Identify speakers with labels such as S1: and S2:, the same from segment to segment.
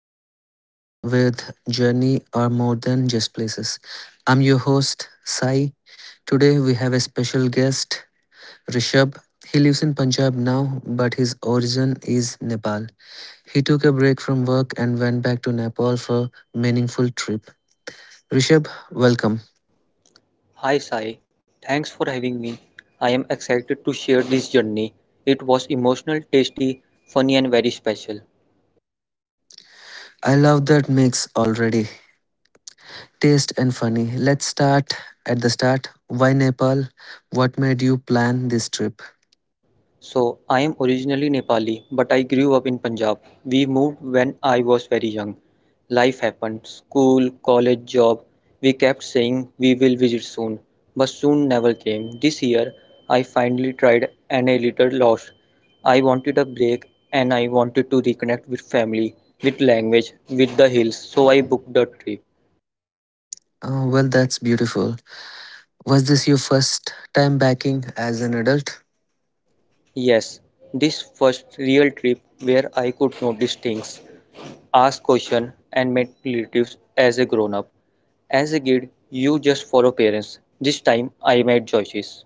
S1: the podcast with journey are more than just places. I'm your host, Sai. Today we have a special guest, Rishabh. He lives in Punjab now, but his origin is Nepal. He took a break from work and went back to Nepal for meaningful trip. Rishabh, welcome.
S2: Hi Sai, thanks for having me. I am excited to share this journey. It was emotional, tasty, funny, and very special.
S1: I love that mix already. Taste and funny. Let's start at the start. Why Nepal? What made you plan this trip?
S2: So, I am originally Nepali, but I grew up in Punjab. We moved when I was very young. Life happened school, college, job. We kept saying we will visit soon, but soon never came. This year, I finally tried and a little lost. I wanted a break and I wanted to reconnect with family, with language, with the hills, so I booked a trip.
S1: Well, that's beautiful. Was this your first time backing as an adult?
S2: Yes, this first real trip where I could notice things, ask questions, and make relatives as a grown up. As a kid, you just follow parents. This time I made choices.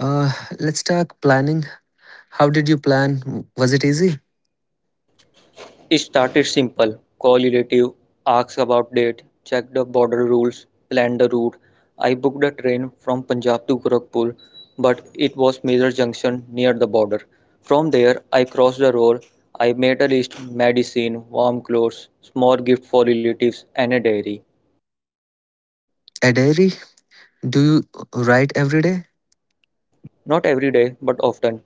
S1: Uh, let's talk planning. How did you plan? Was it easy?
S2: It started simple, call relative, ask about date, check the border rules, plan the route. I booked a train from Punjab to Gorakhpur, but it was Major Junction near the border. From there, I crossed the road. I made a list medicine, warm clothes, small gift for relatives, and a diary.
S1: A diary? Do you write every day?
S2: Not every day, but often.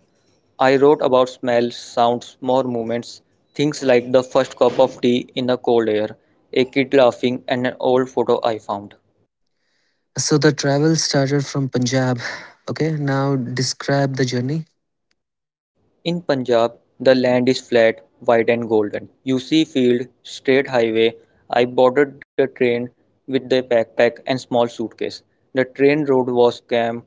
S2: I wrote about smells, sounds, small movements, things like the first cup of tea in the cold air, a kid laughing, and an old photo I found.
S1: So the travel started from Punjab. Okay, now describe the journey.
S2: In Punjab, the land is flat, wide, and golden. You see field, straight highway. I boarded the train with the backpack and small suitcase. The train road was calm,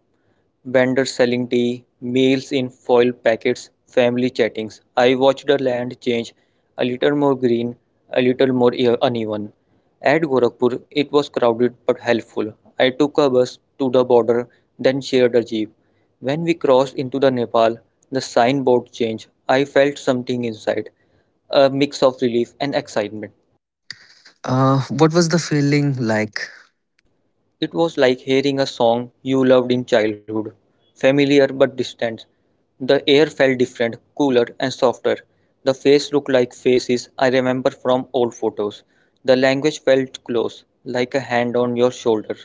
S2: vendors selling tea, meals in foil packets, family chattings. I watched the land change, a little more green, a little more uneven. At Gorakhpur, it was crowded but helpful. I took a bus to the border, then shared a jeep. When we crossed into the Nepal, the signboard changed. I felt something inside, a mix of relief and excitement.
S1: What was the feeling like?
S2: It was like hearing a song you loved in childhood, familiar but distant. The air felt different, cooler and softer. The face looked like faces I remember from old photos. The language felt close, like a hand on your shoulder.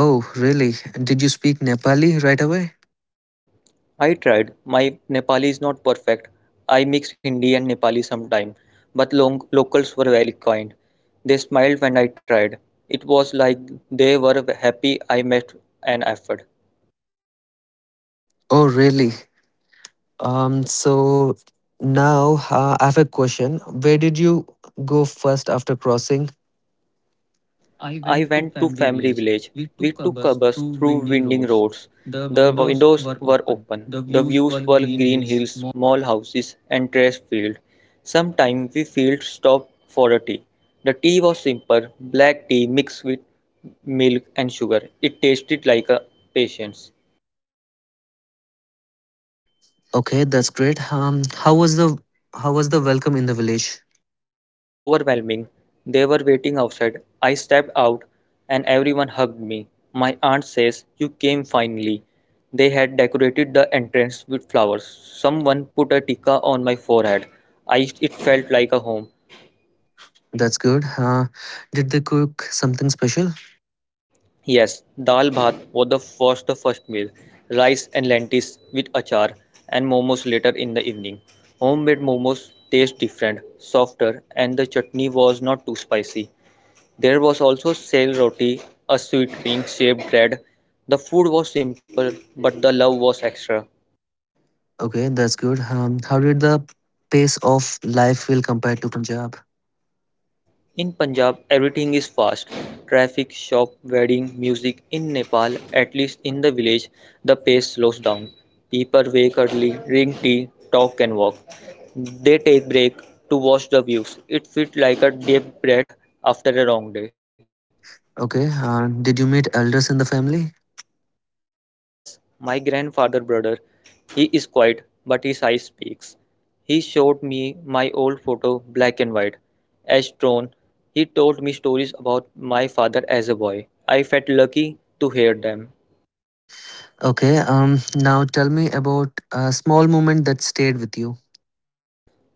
S1: Oh, really? Did you speak Nepali right away?
S2: I tried. My Nepali is not perfect. I mixed Hindi and Nepali sometime, but locals were very kind. They smiled when I tried. It was like they were happy I made an effort.
S1: Oh, really? So now I have a question. Where did you go first after crossing?
S2: I went to family village. We took a bus through winding roads. The windows were open. The views were green hills, small houses, and trash field. Sometimes we felt stopped for a tea. The tea was simple, black tea mixed with milk and sugar. It tasted like a patience.
S1: Okay, that's great. How was the welcome in the village?
S2: Overwhelming. They were waiting outside. I stepped out and everyone hugged me. My aunt says, "You came finally." They had decorated the entrance with flowers. Someone put a tikka on my forehead. It felt like a home.
S1: That's good. Did they cook something special?
S2: Yes, dal bhat was the first meal. Rice and lentils with achar and momos later in the evening. Homemade momos taste different, softer, and the chutney was not too spicy. There was also sale roti, a sweet pink shaped bread. The food was simple, but the love was extra.
S1: Okay, that's good. How did the pace of life feel compared to Punjab?
S2: In Punjab, everything is fast traffic, shop, wedding, music. In Nepal, at least in the village, the pace slows down. People wake early, drink tea, talk, and walk. They take break to watch the views. It felt like a deep breath after a long day.
S1: Okay, did you meet elders in the family?
S2: Yes, my grandfather brother. He is quiet, but his eye speaks. He showed me my old photo, black and white, as drawn. He told me stories about my father as a boy. I felt lucky to hear them.
S1: Okay, now tell me about a small moment that stayed with you.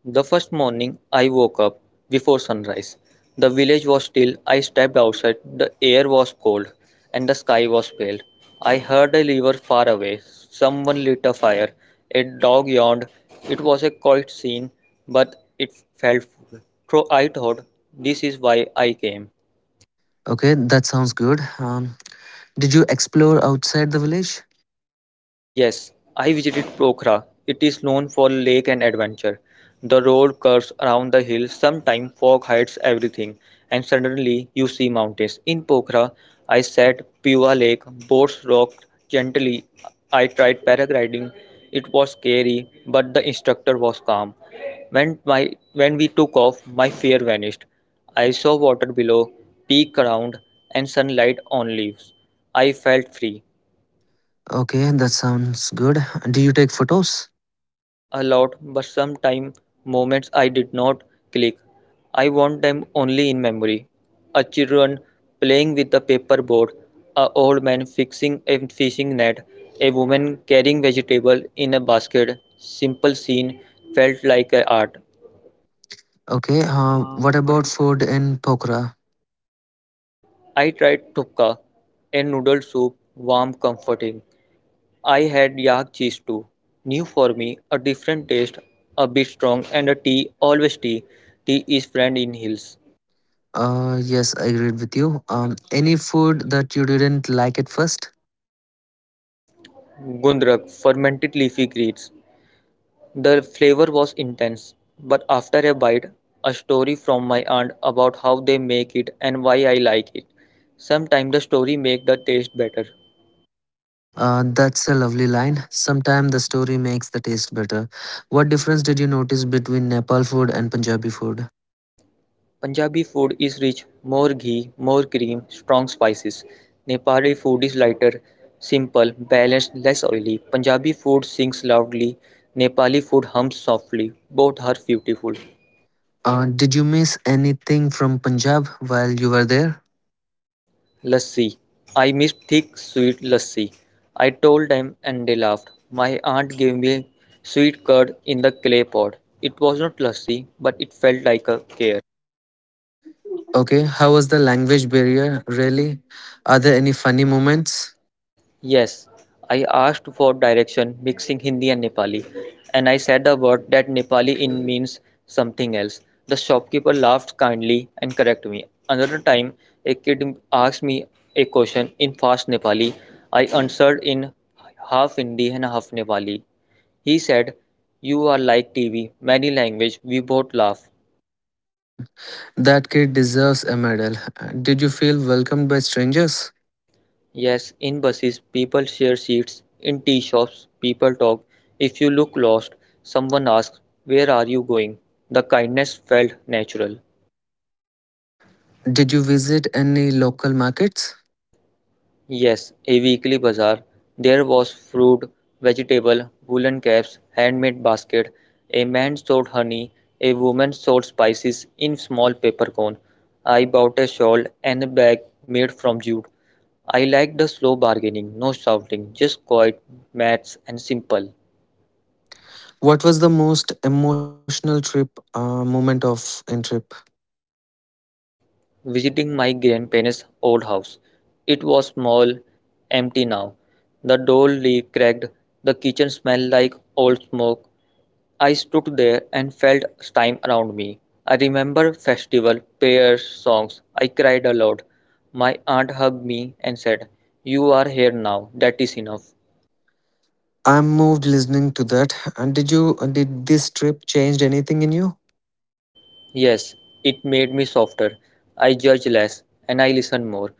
S2: The first morning I woke up before sunrise. The village was still. I stepped outside. The air was cold and the sky was pale. I heard a river far away. Someone lit a fire. A dog yawned. It was a quiet scene, but it felt full. So I thought, this is why I came.
S1: Okay, that sounds good. Did you explore outside the village?
S2: Yes, I visited Pokhara. It is known for lake and adventure. The road curves around the hill, sometimes fog hides everything, and suddenly you see mountains. In Pokhara, I sat Piwa Lake, boats rocked gently. I tried paragliding. It was scary, but the instructor was calm. When we took off, my fear vanished. I saw water below, peak around, and sunlight on leaves. I felt free.
S1: Okay, that sounds good. Do you take photos?
S2: A lot, but sometime moments I did not click. I want them only in memory. A children playing with a paper board, a old man fixing a fishing net, a woman carrying vegetable in a basket. Simple scene felt like a art.
S1: Okay, what about food in Pokhara?
S2: I tried tukka, a noodle soup, warm, comforting. I had yak cheese too. New for me, a different taste, a bit strong, and a tea, always tea. Tea is friend in hills.
S1: Yes, I agreed with you. Any food that you didn't like at first?
S2: Gundrak fermented leafy greens. The flavor was intense, but after a bite, a story from my aunt about how they make it and why I like it. Sometimes the story makes the taste better.
S1: That's a lovely line. Sometimes the story makes the taste better. What difference did you notice between Nepal food and Punjabi food?
S2: Punjabi food is rich, more ghee, more cream, strong spices. Nepali food is lighter, simple, balanced, less oily. Punjabi food sings loudly, Nepali food hums softly. Both are beautiful.
S1: Did you miss anything from Punjab while you were there?
S2: Lassi. I missed thick, sweet lassi. I told them and they laughed. My aunt gave me sweet curd in the clay pot. It was not lassi, but it felt like a care.
S1: Okay, how was the language barrier? Really? Are there any funny moments?
S2: Yes, I asked for direction mixing Hindi and Nepali, and I said a word that Nepali in means something else. The shopkeeper laughed kindly and corrected me. Another time, a kid asked me a question in fast Nepali. I answered in half Hindi and half Nepali. He said, "You are like TV, many language," we both laugh.
S1: That kid deserves a medal. Did you feel welcomed by strangers?
S2: Yes, in buses, people share seats. In tea shops, people talk. If you look lost, someone asks, "Where are you going?" The kindness felt natural.
S1: Did you visit any local markets?
S2: Yes, a weekly bazaar. There was fruit, vegetable, woolen caps, handmade basket. A man sold honey, a woman sold spices in small paper cone. I bought a shawl and a bag made from jute. I liked the slow bargaining, no shouting, just quiet, maths and simple.
S1: What was the most emotional trip moment of in trip?
S2: Visiting my grandparents' old house. It was small, empty now. The door leak cracked, the kitchen smelled like old smoke. I stood there and felt time around me. I remember festival, prayers, songs. I cried aloud. My aunt hugged me and said, "You are here now, that is enough."
S1: I'm moved listening to that. And did this trip changed anything in you?
S2: Yes, it made me softer. I judge less and I listen more.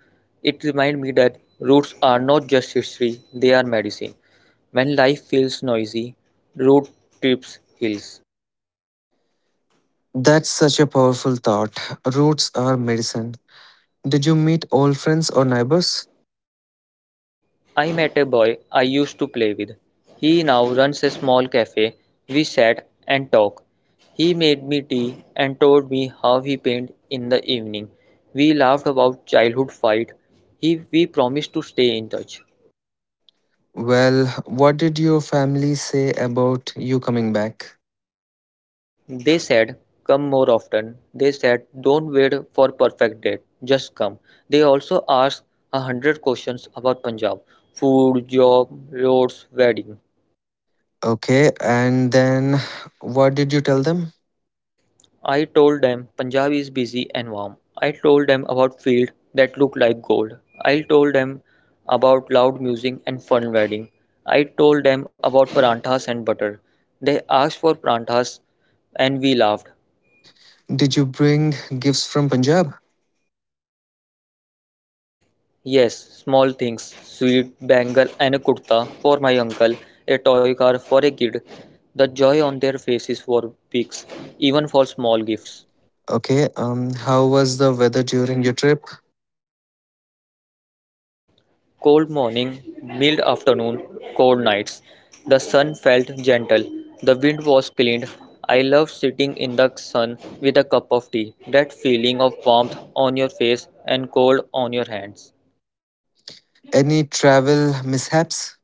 S2: It reminded me that roots are not just history, they are medicine. When life feels noisy, road trips hills.
S1: That's such a powerful thought. Roots are medicine. Did you meet old friends or neighbors?
S2: I met a boy I used to play with. He now runs a small cafe. We sat and talked. He made me tea and told me how he painted in the evening. We laughed about childhood fight. He we promised to stay in touch.
S1: Well, what did your family say about you coming back?
S2: They said, come more often. They said, don't wait for perfect date, just come. They also asked 100 questions about Punjab food, job, roads, wedding.
S1: Okay, and then what did you tell them?
S2: I told them Punjab is busy and warm. I told them about fields that look like gold. I told them about loud music and fun wedding. I told them about paranthas and butter. They asked for paranthas and we laughed.
S1: Did you bring gifts from Punjab?
S2: Yes, small things, sweet, bangle and a kurta for my uncle, a toy car for a kid. The joy on their faces for weeks, even for small gifts.
S1: Okay. How was the weather during your trip?
S2: Cold morning, mild afternoon, cold nights. The sun felt gentle. The wind was clean. I loved sitting in the sun with a cup of tea. That feeling of warmth on your face and cold on your hands.
S1: Any travel mishaps?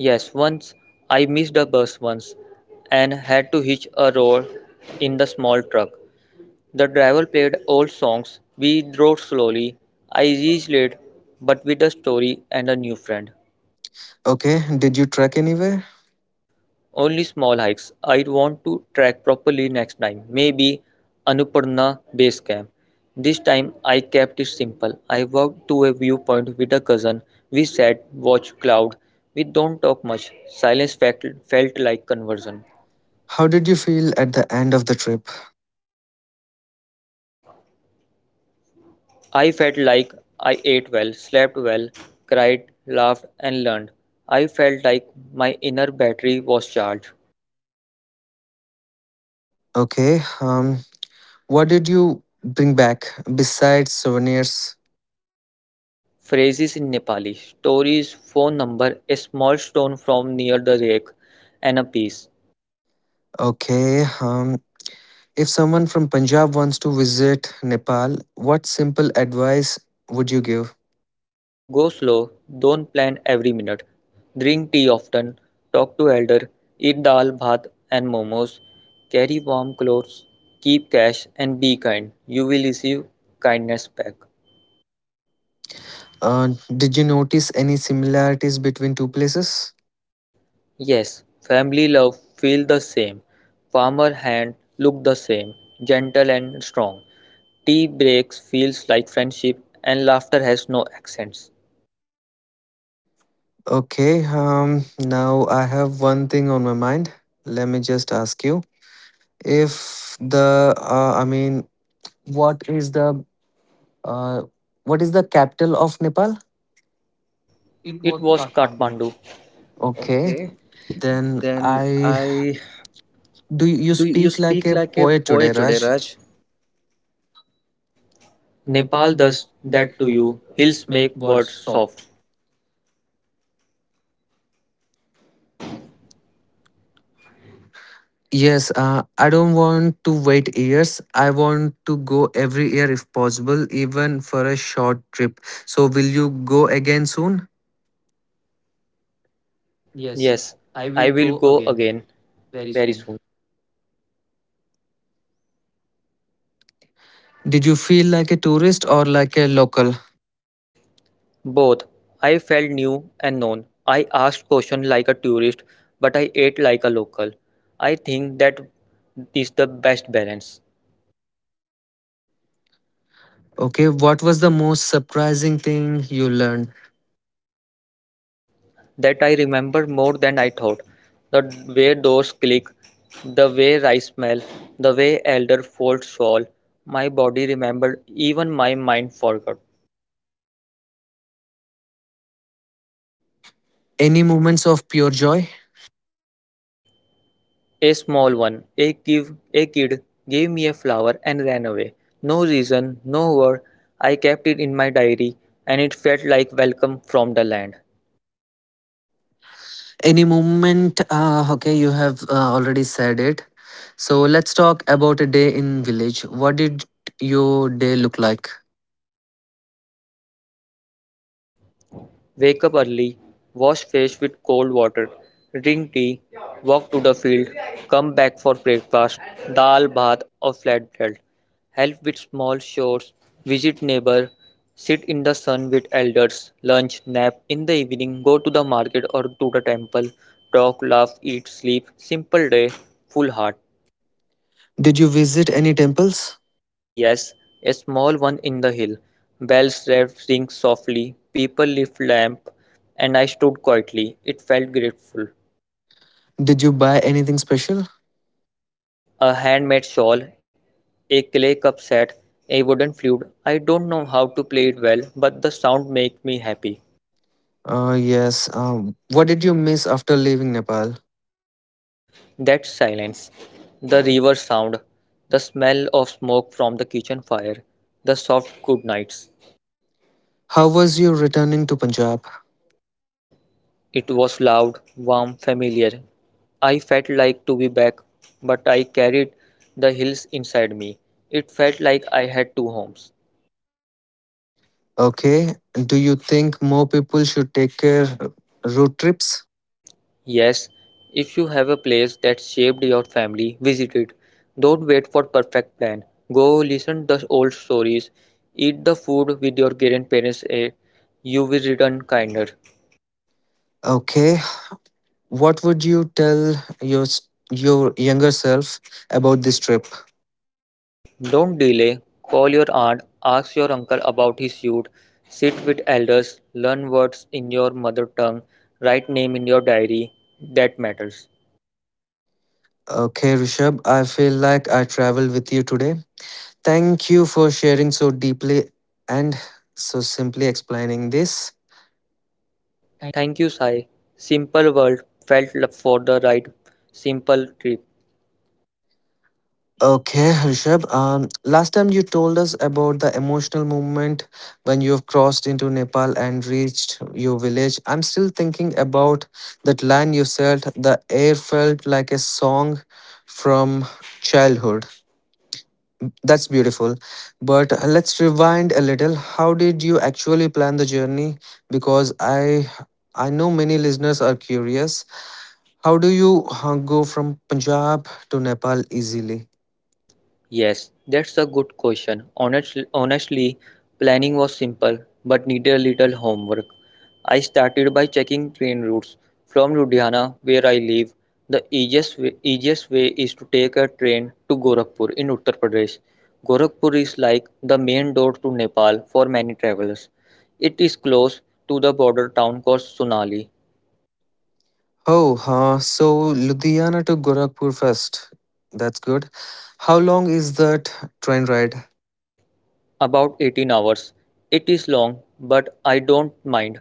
S2: Yes, once I missed a bus once and had to hitch a role in the small truck. The driver played old songs. We drove slowly. I reached late, but with a story and a new friend.
S1: Okay. Did you trek anywhere?
S2: Only small hikes. I want to track properly next time. Maybe Annapurna Base Camp. This time I kept it simple. I walked to a viewpoint with a cousin. We sat, watched cloud. We don't talk much. Felt like conversion.
S1: How did you feel at the end of the trip?
S2: I felt like I ate well, slept well, cried, laughed, and learned. I felt like my inner battery was charged.
S1: Okay. What did you bring back besides souvenirs?
S2: Phrases in Nepali, stories, phone number, a small stone from near the lake, and a piece.
S1: Okay. If someone from Punjab wants to visit Nepal, what simple advice would you give?
S2: Go slow, don't plan every minute. Drink tea often, talk to elder, eat dal, bhat, and momos. Carry warm clothes, keep cash, and be kind. You will receive kindness back.
S1: Did you notice any similarities between two places?
S2: Yes, family love feel the same. Farmer hand look the same, gentle and strong. Tea breaks feels like friendship and laughter has no accents.
S1: Okay, now I have one thing on my mind. Let me just ask you if the, I mean, what is the, uh, what is the capital of Nepal?
S2: It was Kathmandu.
S1: Okay,
S2: Okay.
S1: then
S2: Then
S1: I,
S2: I
S1: do you
S2: Do
S1: you
S2: you
S1: speak
S2: speak
S1: like a
S2: like a
S1: poet
S2: poet
S1: today,
S2: today,
S1: Raj?
S2: Raj? Nepal does that to you. Hills make words soft.
S1: Yes, I don't want to wait years. I want to go every year if possible, even for a short trip. So, will you go again soon?
S2: Yes, I will go again very soon.
S1: Did you feel like a tourist or like a local?
S2: Both. I felt new and known. I asked questions like a tourist, but I ate like a local. I think that is the best balance.
S1: Okay, what was the most surprising thing you learned?
S2: That I remember more than I thought. The way doors click, the way rice smell, the way elder folds fall. My body remembered, even my mind forgot.
S1: Any moments of pure joy?
S2: A small one. A kid gave me a flower and ran away. No reason, no word. I kept it in my diary, and it felt like welcome from the land.
S1: Okay, you have already said it. So, let's talk about a day in village. What did your day look like?
S2: Wake up early, wash face with cold water, drink tea, walk to the field, come back for breakfast, dal, bath, or flatbread. Help with small chores, visit neighbor, sit in the sun with elders, lunch, nap in the evening, go to the market or to the temple, talk, laugh, eat, sleep. Simple day, full heart.
S1: Did you visit any temples?
S2: Yes, a small one in the hill. Bells rang softly, people lit lamp, and I stood quietly. It felt grateful.
S1: Did you buy anything special?
S2: A handmade shawl, a clay cup set, a wooden flute. I don't know how to play it well, but the sound makes me happy.
S1: Yes. What did you miss after leaving Nepal?
S2: That silence, the river sound, the smell of smoke from the kitchen fire, the soft good nights.
S1: How was you returning to Punjab?
S2: It was loud, warm, familiar. I felt like to be back, but I carried the hills inside me. It felt like I had two homes.
S1: Okay. Do you think more people should take care road trips?
S2: Yes, if you have a place that shaped your family, visit it. Don't wait for perfect plan. Go listen the old stories. Eat the food with your grandparents. You will return kinder.
S1: Okay. What would you tell your younger self about this trip?
S2: Don't delay. Call your aunt, ask your uncle about his youth, sit with elders, learn words in your mother tongue, write name in your diary. That matters.
S1: Okay, Rishabh. I feel like I traveled with you today. Thank you for sharing so deeply and so simply explaining this.
S2: Thank you, Sai. Simple world felt for the right simple trip.
S1: Okay, Rishabh. Last time you told us about the emotional moment when you've crossed into Nepal and reached your village. I'm still thinking about that line you said. The air felt like a song from childhood. That's beautiful. But let's rewind a little. How did you actually plan the journey? Because I know many listeners are curious. How do you go from Punjab to Nepal easily?
S2: Yes, that's a good question. Honestly, planning was simple but needed a little homework. I started by checking train routes from Ludhiana, where I live. The easiest way is to take a train to Gorakhpur in Uttar Pradesh. Gorakhpur is like the main door to Nepal for many travelers. It is close to the border town called Sonali.
S1: Oh, huh. So Ludhiana to Gorakhpur first. That's good. How long is that train ride?
S2: About 18 hours. It is long, but I don't mind.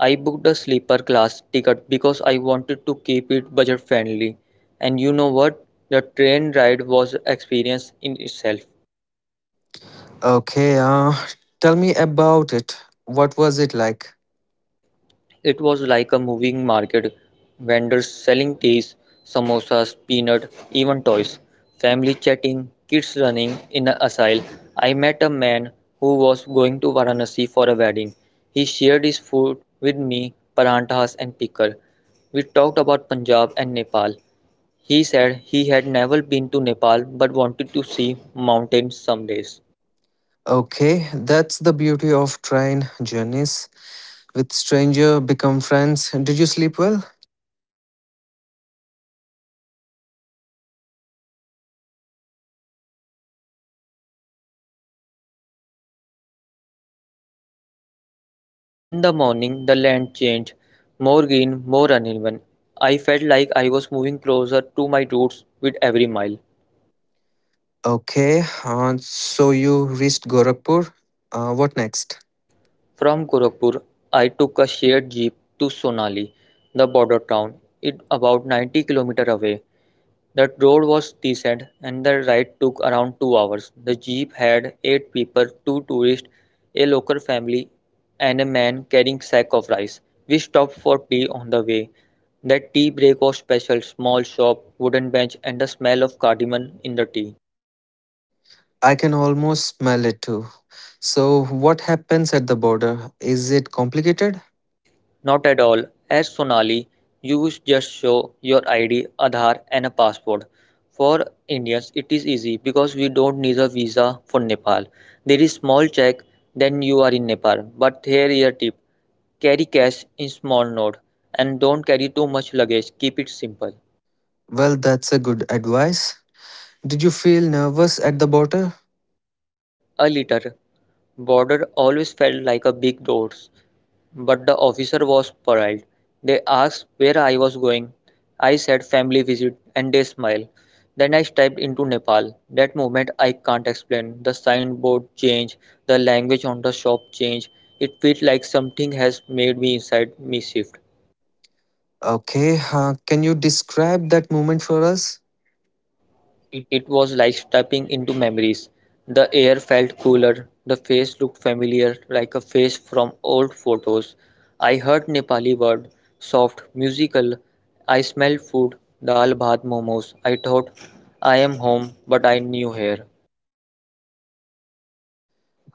S2: I booked a sleeper class ticket because I wanted to keep it budget friendly. And you know what? The train ride was an experience in itself.
S1: Okay, tell me about it. What was it like?
S2: It was like a moving market, vendors selling teas, samosas, peanut, even toys, family chatting, kids running in a aisle. I met a man who was going to Varanasi for a wedding. He shared his food with me, paranthas and pickle. We talked about Punjab and Nepal. He said he had never been to Nepal but wanted to see mountains some days.
S1: Okay, that's the beauty of train journeys. With stranger become friends. Did you sleep well?
S2: Not really. The train was crowded. I was too excited to sleep. I kept looking out of the window. At night, the field looked like dark blanket with a tiny light far away. In the morning, the land changed, more green, more uneven. I felt like I was moving closer to my roots with every mile.
S1: Okay, so you reached Gorakhpur. What next?
S2: From Gorakhpur, I took a shared jeep to Sonali, the border town. It about 90 kilometers away. The road was decent and the ride took around 2 hours. The jeep had eight people, two tourists, a local family, and a man carrying sack of rice. We stopped for tea on the way. That tea break was special. Small shop, wooden bench, and the smell of cardamom in the tea.
S1: I can almost smell it too. So, what happens at the border? Is it complicated?
S2: Not at all. As Sonali, you just show your ID, Aadhaar, and a passport. For Indians, it is easy because we don't need a visa for Nepal. There is small check, then you are in Nepal. But here is a tip: carry cash in small note and don't carry too much luggage. Keep it simple.
S1: Well, that's a good advice. Did you feel nervous at the border?
S2: A little. Border always felt like a big door, but the officer was polite. They asked where I was going. I said family visit, and they smiled. Then I stepped into Nepal. That moment I can't explain. The signboard changed, the language on the shop changed. It felt like something has made me inside me shift.
S1: Okay, can you describe that moment for us?
S2: It was like stepping into memories. The air felt cooler. The face looked familiar, like a face from old photos. I heard Nepali word, soft, musical. I smelled food, dal bhat momos. I thought I am home, but I knew here.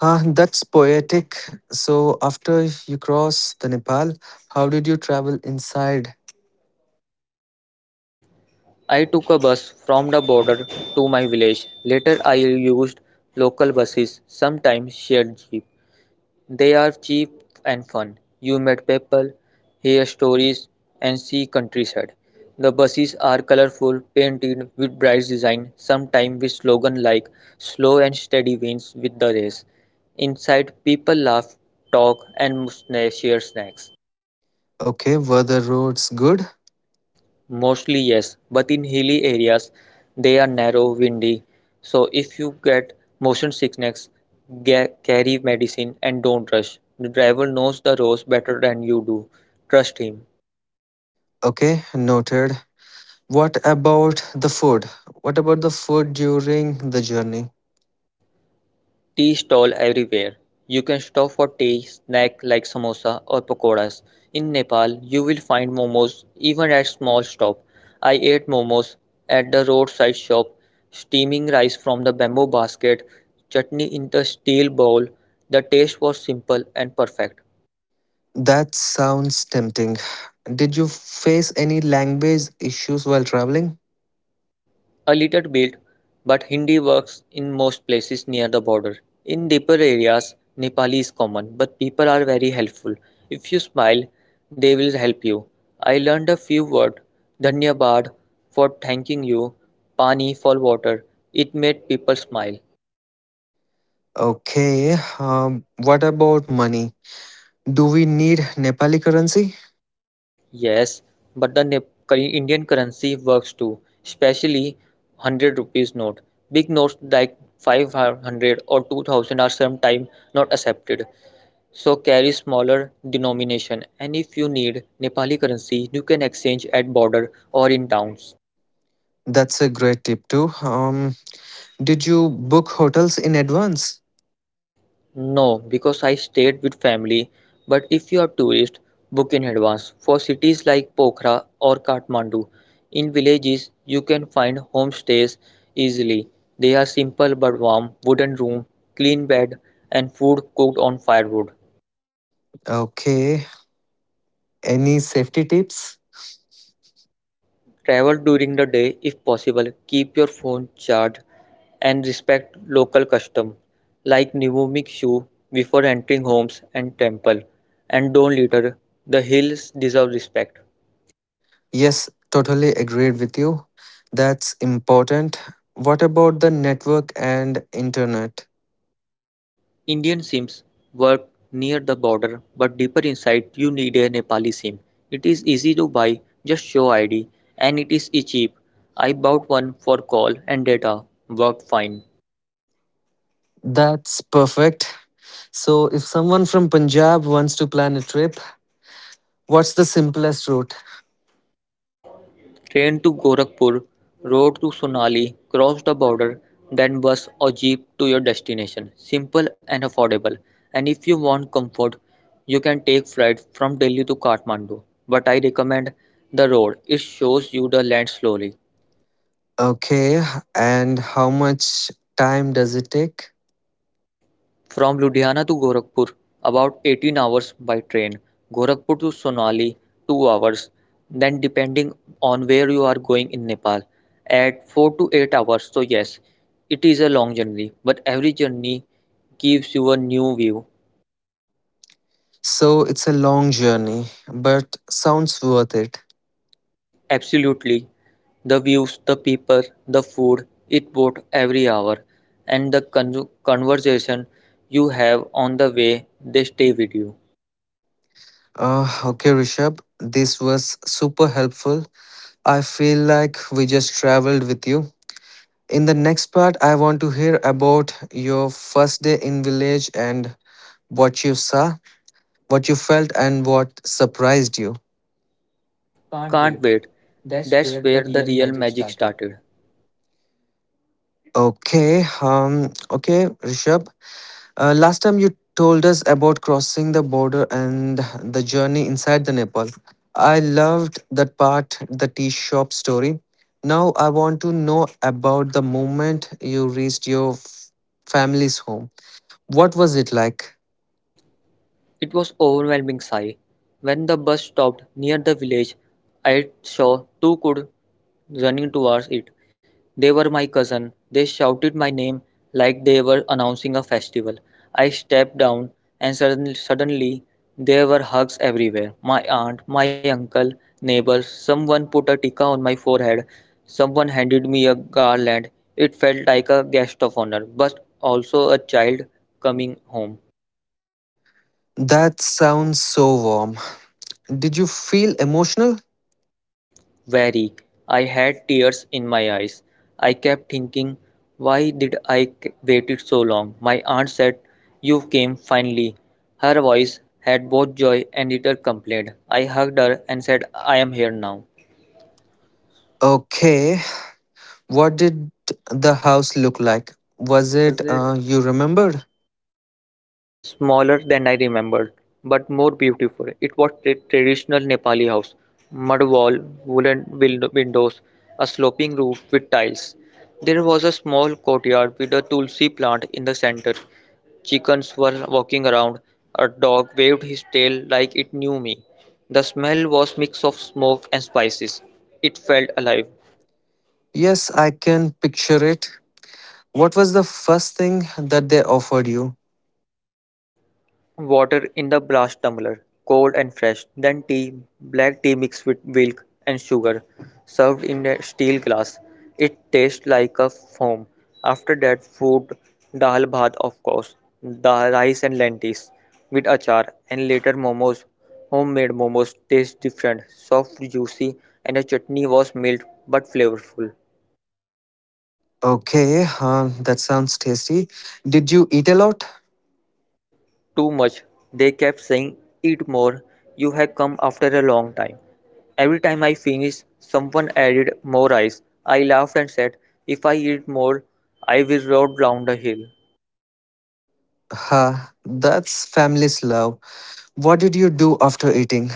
S1: That's poetic. So, after you cross the Nepal, how did you travel inside?
S2: I took a bus from the border to my village. Later I used local buses, sometimes shared jeep. They are cheap and fun. You meet people, hear stories, and see countryside. The buses are colorful, painted with bright design, sometimes with slogans like "Slow and steady wins with the race." Inside, people laugh, talk, and share snacks.
S1: Okay, were the roads good?
S2: Mostly yes, but in hilly areas they are narrow, windy. So if you get motion sickness, carry medicine and don't rush. The driver knows the roads better than you do. Trust him.
S1: Okay, noted. What about the food? What about the food during the journey?
S2: Tea stall everywhere. You can stop for tea, snack like samosa or pakoras. In Nepal, you will find momos even at small shop. I ate momos at the roadside shop, steaming rice from the bamboo basket, chutney in the steel bowl. The taste was simple and perfect.
S1: That sounds tempting. Did you face any language issues while traveling?
S2: A little bit, but Hindi works in most places near the border. In deeper areas, Nepali is common, but people are very helpful. If you smile, they will help you. I learned a few words, dhanyabad for thanking you, pani for water. It made people smile.
S1: Okay, what about money? Do we need Nepali currency?
S2: Yes, but the Indian currency works too, especially 100 rupees note. Big notes like 500 or 2000 are sometimes not accepted, so carry smaller denomination, and if you need Nepali currency you can exchange at border or in towns.
S1: That's a great tip too. Did you book hotels in advance?
S2: No, because I stayed with family, but if you are tourist, book in advance. For cities like Pokhara or Kathmandu, in villages you can find homestays easily. They are simple but warm, wooden room, clean bed, and food cooked on firewood.
S1: Okay. Any safety tips?
S2: Travel during the day if possible. Keep your phone charged and respect local custom like Nivomic shoe before entering homes and temple, and don't litter. The hills deserve respect.
S1: Yes, totally agreed with you. That's important. What about the network and internet?
S2: Indian Sims work near the border, but deeper inside you need a Nepali Sim. It is easy to buy, just show ID, and it is cheap. I bought one for call and data, worked fine.
S1: That's perfect. So, if someone from Punjab wants to plan a trip, what's the simplest route?
S2: Train to Gorakhpur, road to Sonali, cross the border, then bus or jeep to your destination. Simple and affordable. And if you want comfort, you can take flight from Delhi to Kathmandu. But I recommend the road. It shows you the land slowly.
S1: Okay, and how much time does it take?
S2: From Ludhiana to Gorakhpur, about 18 hours by train. Gorakhpur to Sonali, 2 hours. Then, depending on where you are going in Nepal, at 4 to 8 hours. So, yes, it is a long journey, but every journey gives you a new view.
S1: So it's a long journey, but sounds worth it.
S2: Absolutely. The views, the people, the food, it bought every hour. And the conversation you have on the way, they stay with you.
S1: Okay, Rishabh, this was super helpful. I feel like we just traveled with you. In the next part, I want to hear about your first day in village and what you saw, what you felt, and what surprised you.
S2: Can't wait. That's where the real magic started.
S1: Okay, Rishabh. Last time you told us about crossing the border and the journey inside the Nepal. I loved that part, the tea shop story. Now I want to know about the moment you reached family's home. What was it like?
S2: It was overwhelming sigh. When the bus stopped near the village, I saw two kids running towards it. They were my cousin. They shouted my name like they were announcing a festival. I stepped down, and suddenly there were hugs everywhere. My aunt, my uncle, neighbors. Someone put a tikka on my forehead. Someone handed me a garland. It felt like a guest of honor, but also a child coming home.
S1: That sounds so warm. Did you feel emotional?
S2: Very. I had tears in my eyes. I kept thinking, why did I waited so long? My aunt said, "You came finally." Her voice had both joy and little complaint. I hugged her and said, "I am here now."
S1: Okay. What did the house look like? Was it
S2: Was it
S1: you remembered?
S2: smaller than I remembered, but more beautiful. It was a traditional Nepali house. Mud wall, wooden windows, a sloping roof with tiles. There was a small courtyard with a tulsi plant in the center. Chickens were walking around. A dog waved his tail like it knew me. The smell was a mix of smoke and spices. It felt alive.
S1: Yes, I can picture it. What was the first thing that they offered you?
S2: Water in the brass tumbler, cold and fresh, then tea, black tea mixed with milk and sugar, served in a steel glass. It tastes like a foam. After that, food, dal bhat, of course, dal rice and lentils with achar, and later momos. Homemade momos taste different, soft, juicy, and the chutney was mild but flavorful.
S1: Okay, huh, that sounds tasty. Did you eat a lot?
S2: Too much. They kept saying, "Eat more. You have come after a long time." Every time I finished, someone added more ice. I laughed and said, "If I eat more, I will roll down the hill."
S1: Huh, that's family's love. What did you do after eating?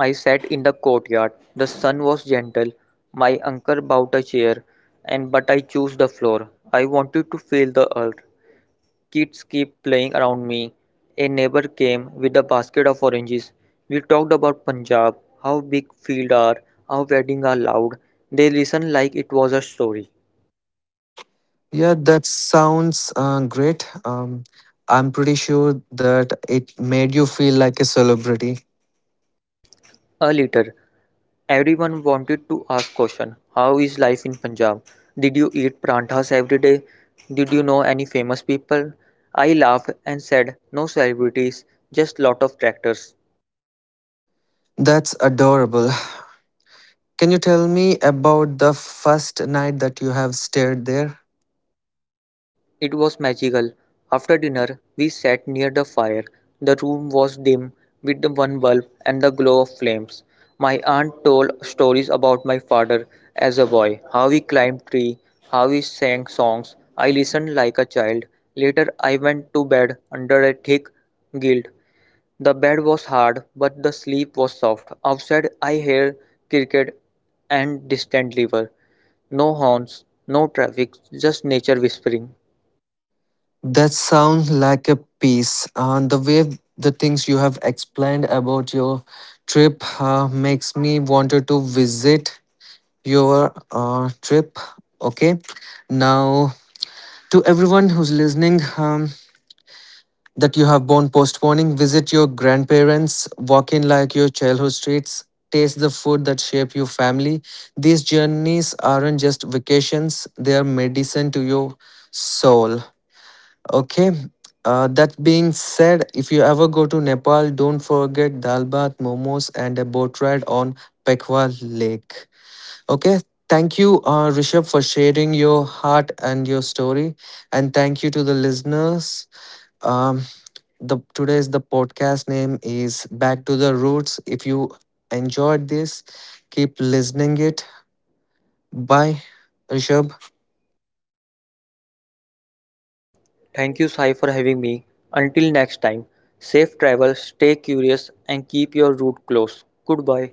S2: I sat in the courtyard. The sun was gentle. My uncle bought a chair, and but I chose the floor. I wanted to feel the earth. Kids kept playing around me. A neighbor came with a basket of oranges. We talked about Punjab, how big fields are, how weddings are loud. They listened like it was a story.
S1: Yeah, that sounds great. I'm pretty sure that it made you feel like a celebrity.
S2: A little. Everyone wanted to ask question. How is life in Punjab? Did you eat pranthas every day? Did you know any famous people? I laughed and said, no celebrities, just lot of tractors.
S1: That's adorable. Can you tell me about the first night that you have stayed there?
S2: It was magical. After dinner, we sat near the fire. The room was dim with the one bulb and the glow of flames. My aunt told stories about my father as a boy, how he climbed tree, how he sang songs. I listened like a child. Later, I went to bed under a thick guild. The bed was hard, but the sleep was soft. Outside, I heard cricket and distant river. No horns, no traffic, just nature whispering.
S1: That sounds like a piece. The way the things you have explained about your trip makes me wanted to visit your trip. Okay, now to everyone who's listening, that you have been postponing, visit your grandparents, walk in like your childhood streets, taste the food that shape your family. These journeys aren't just vacations; they are medicine to your soul. Okay. That being said, if you ever go to Nepal, don't forget dal bath, momos, and a boat ride on Pekwa Lake. Okay. Thank you, Rishabh, for sharing your heart and your story, and thank you to the listeners. Um, the today's the podcast name is Back to the Roots. If you enjoyed this, keep listening it. Bye, Rishabh.
S2: Thank you, Sai, for having me. Until next time, safe travel, stay curious, and keep your route close. Goodbye.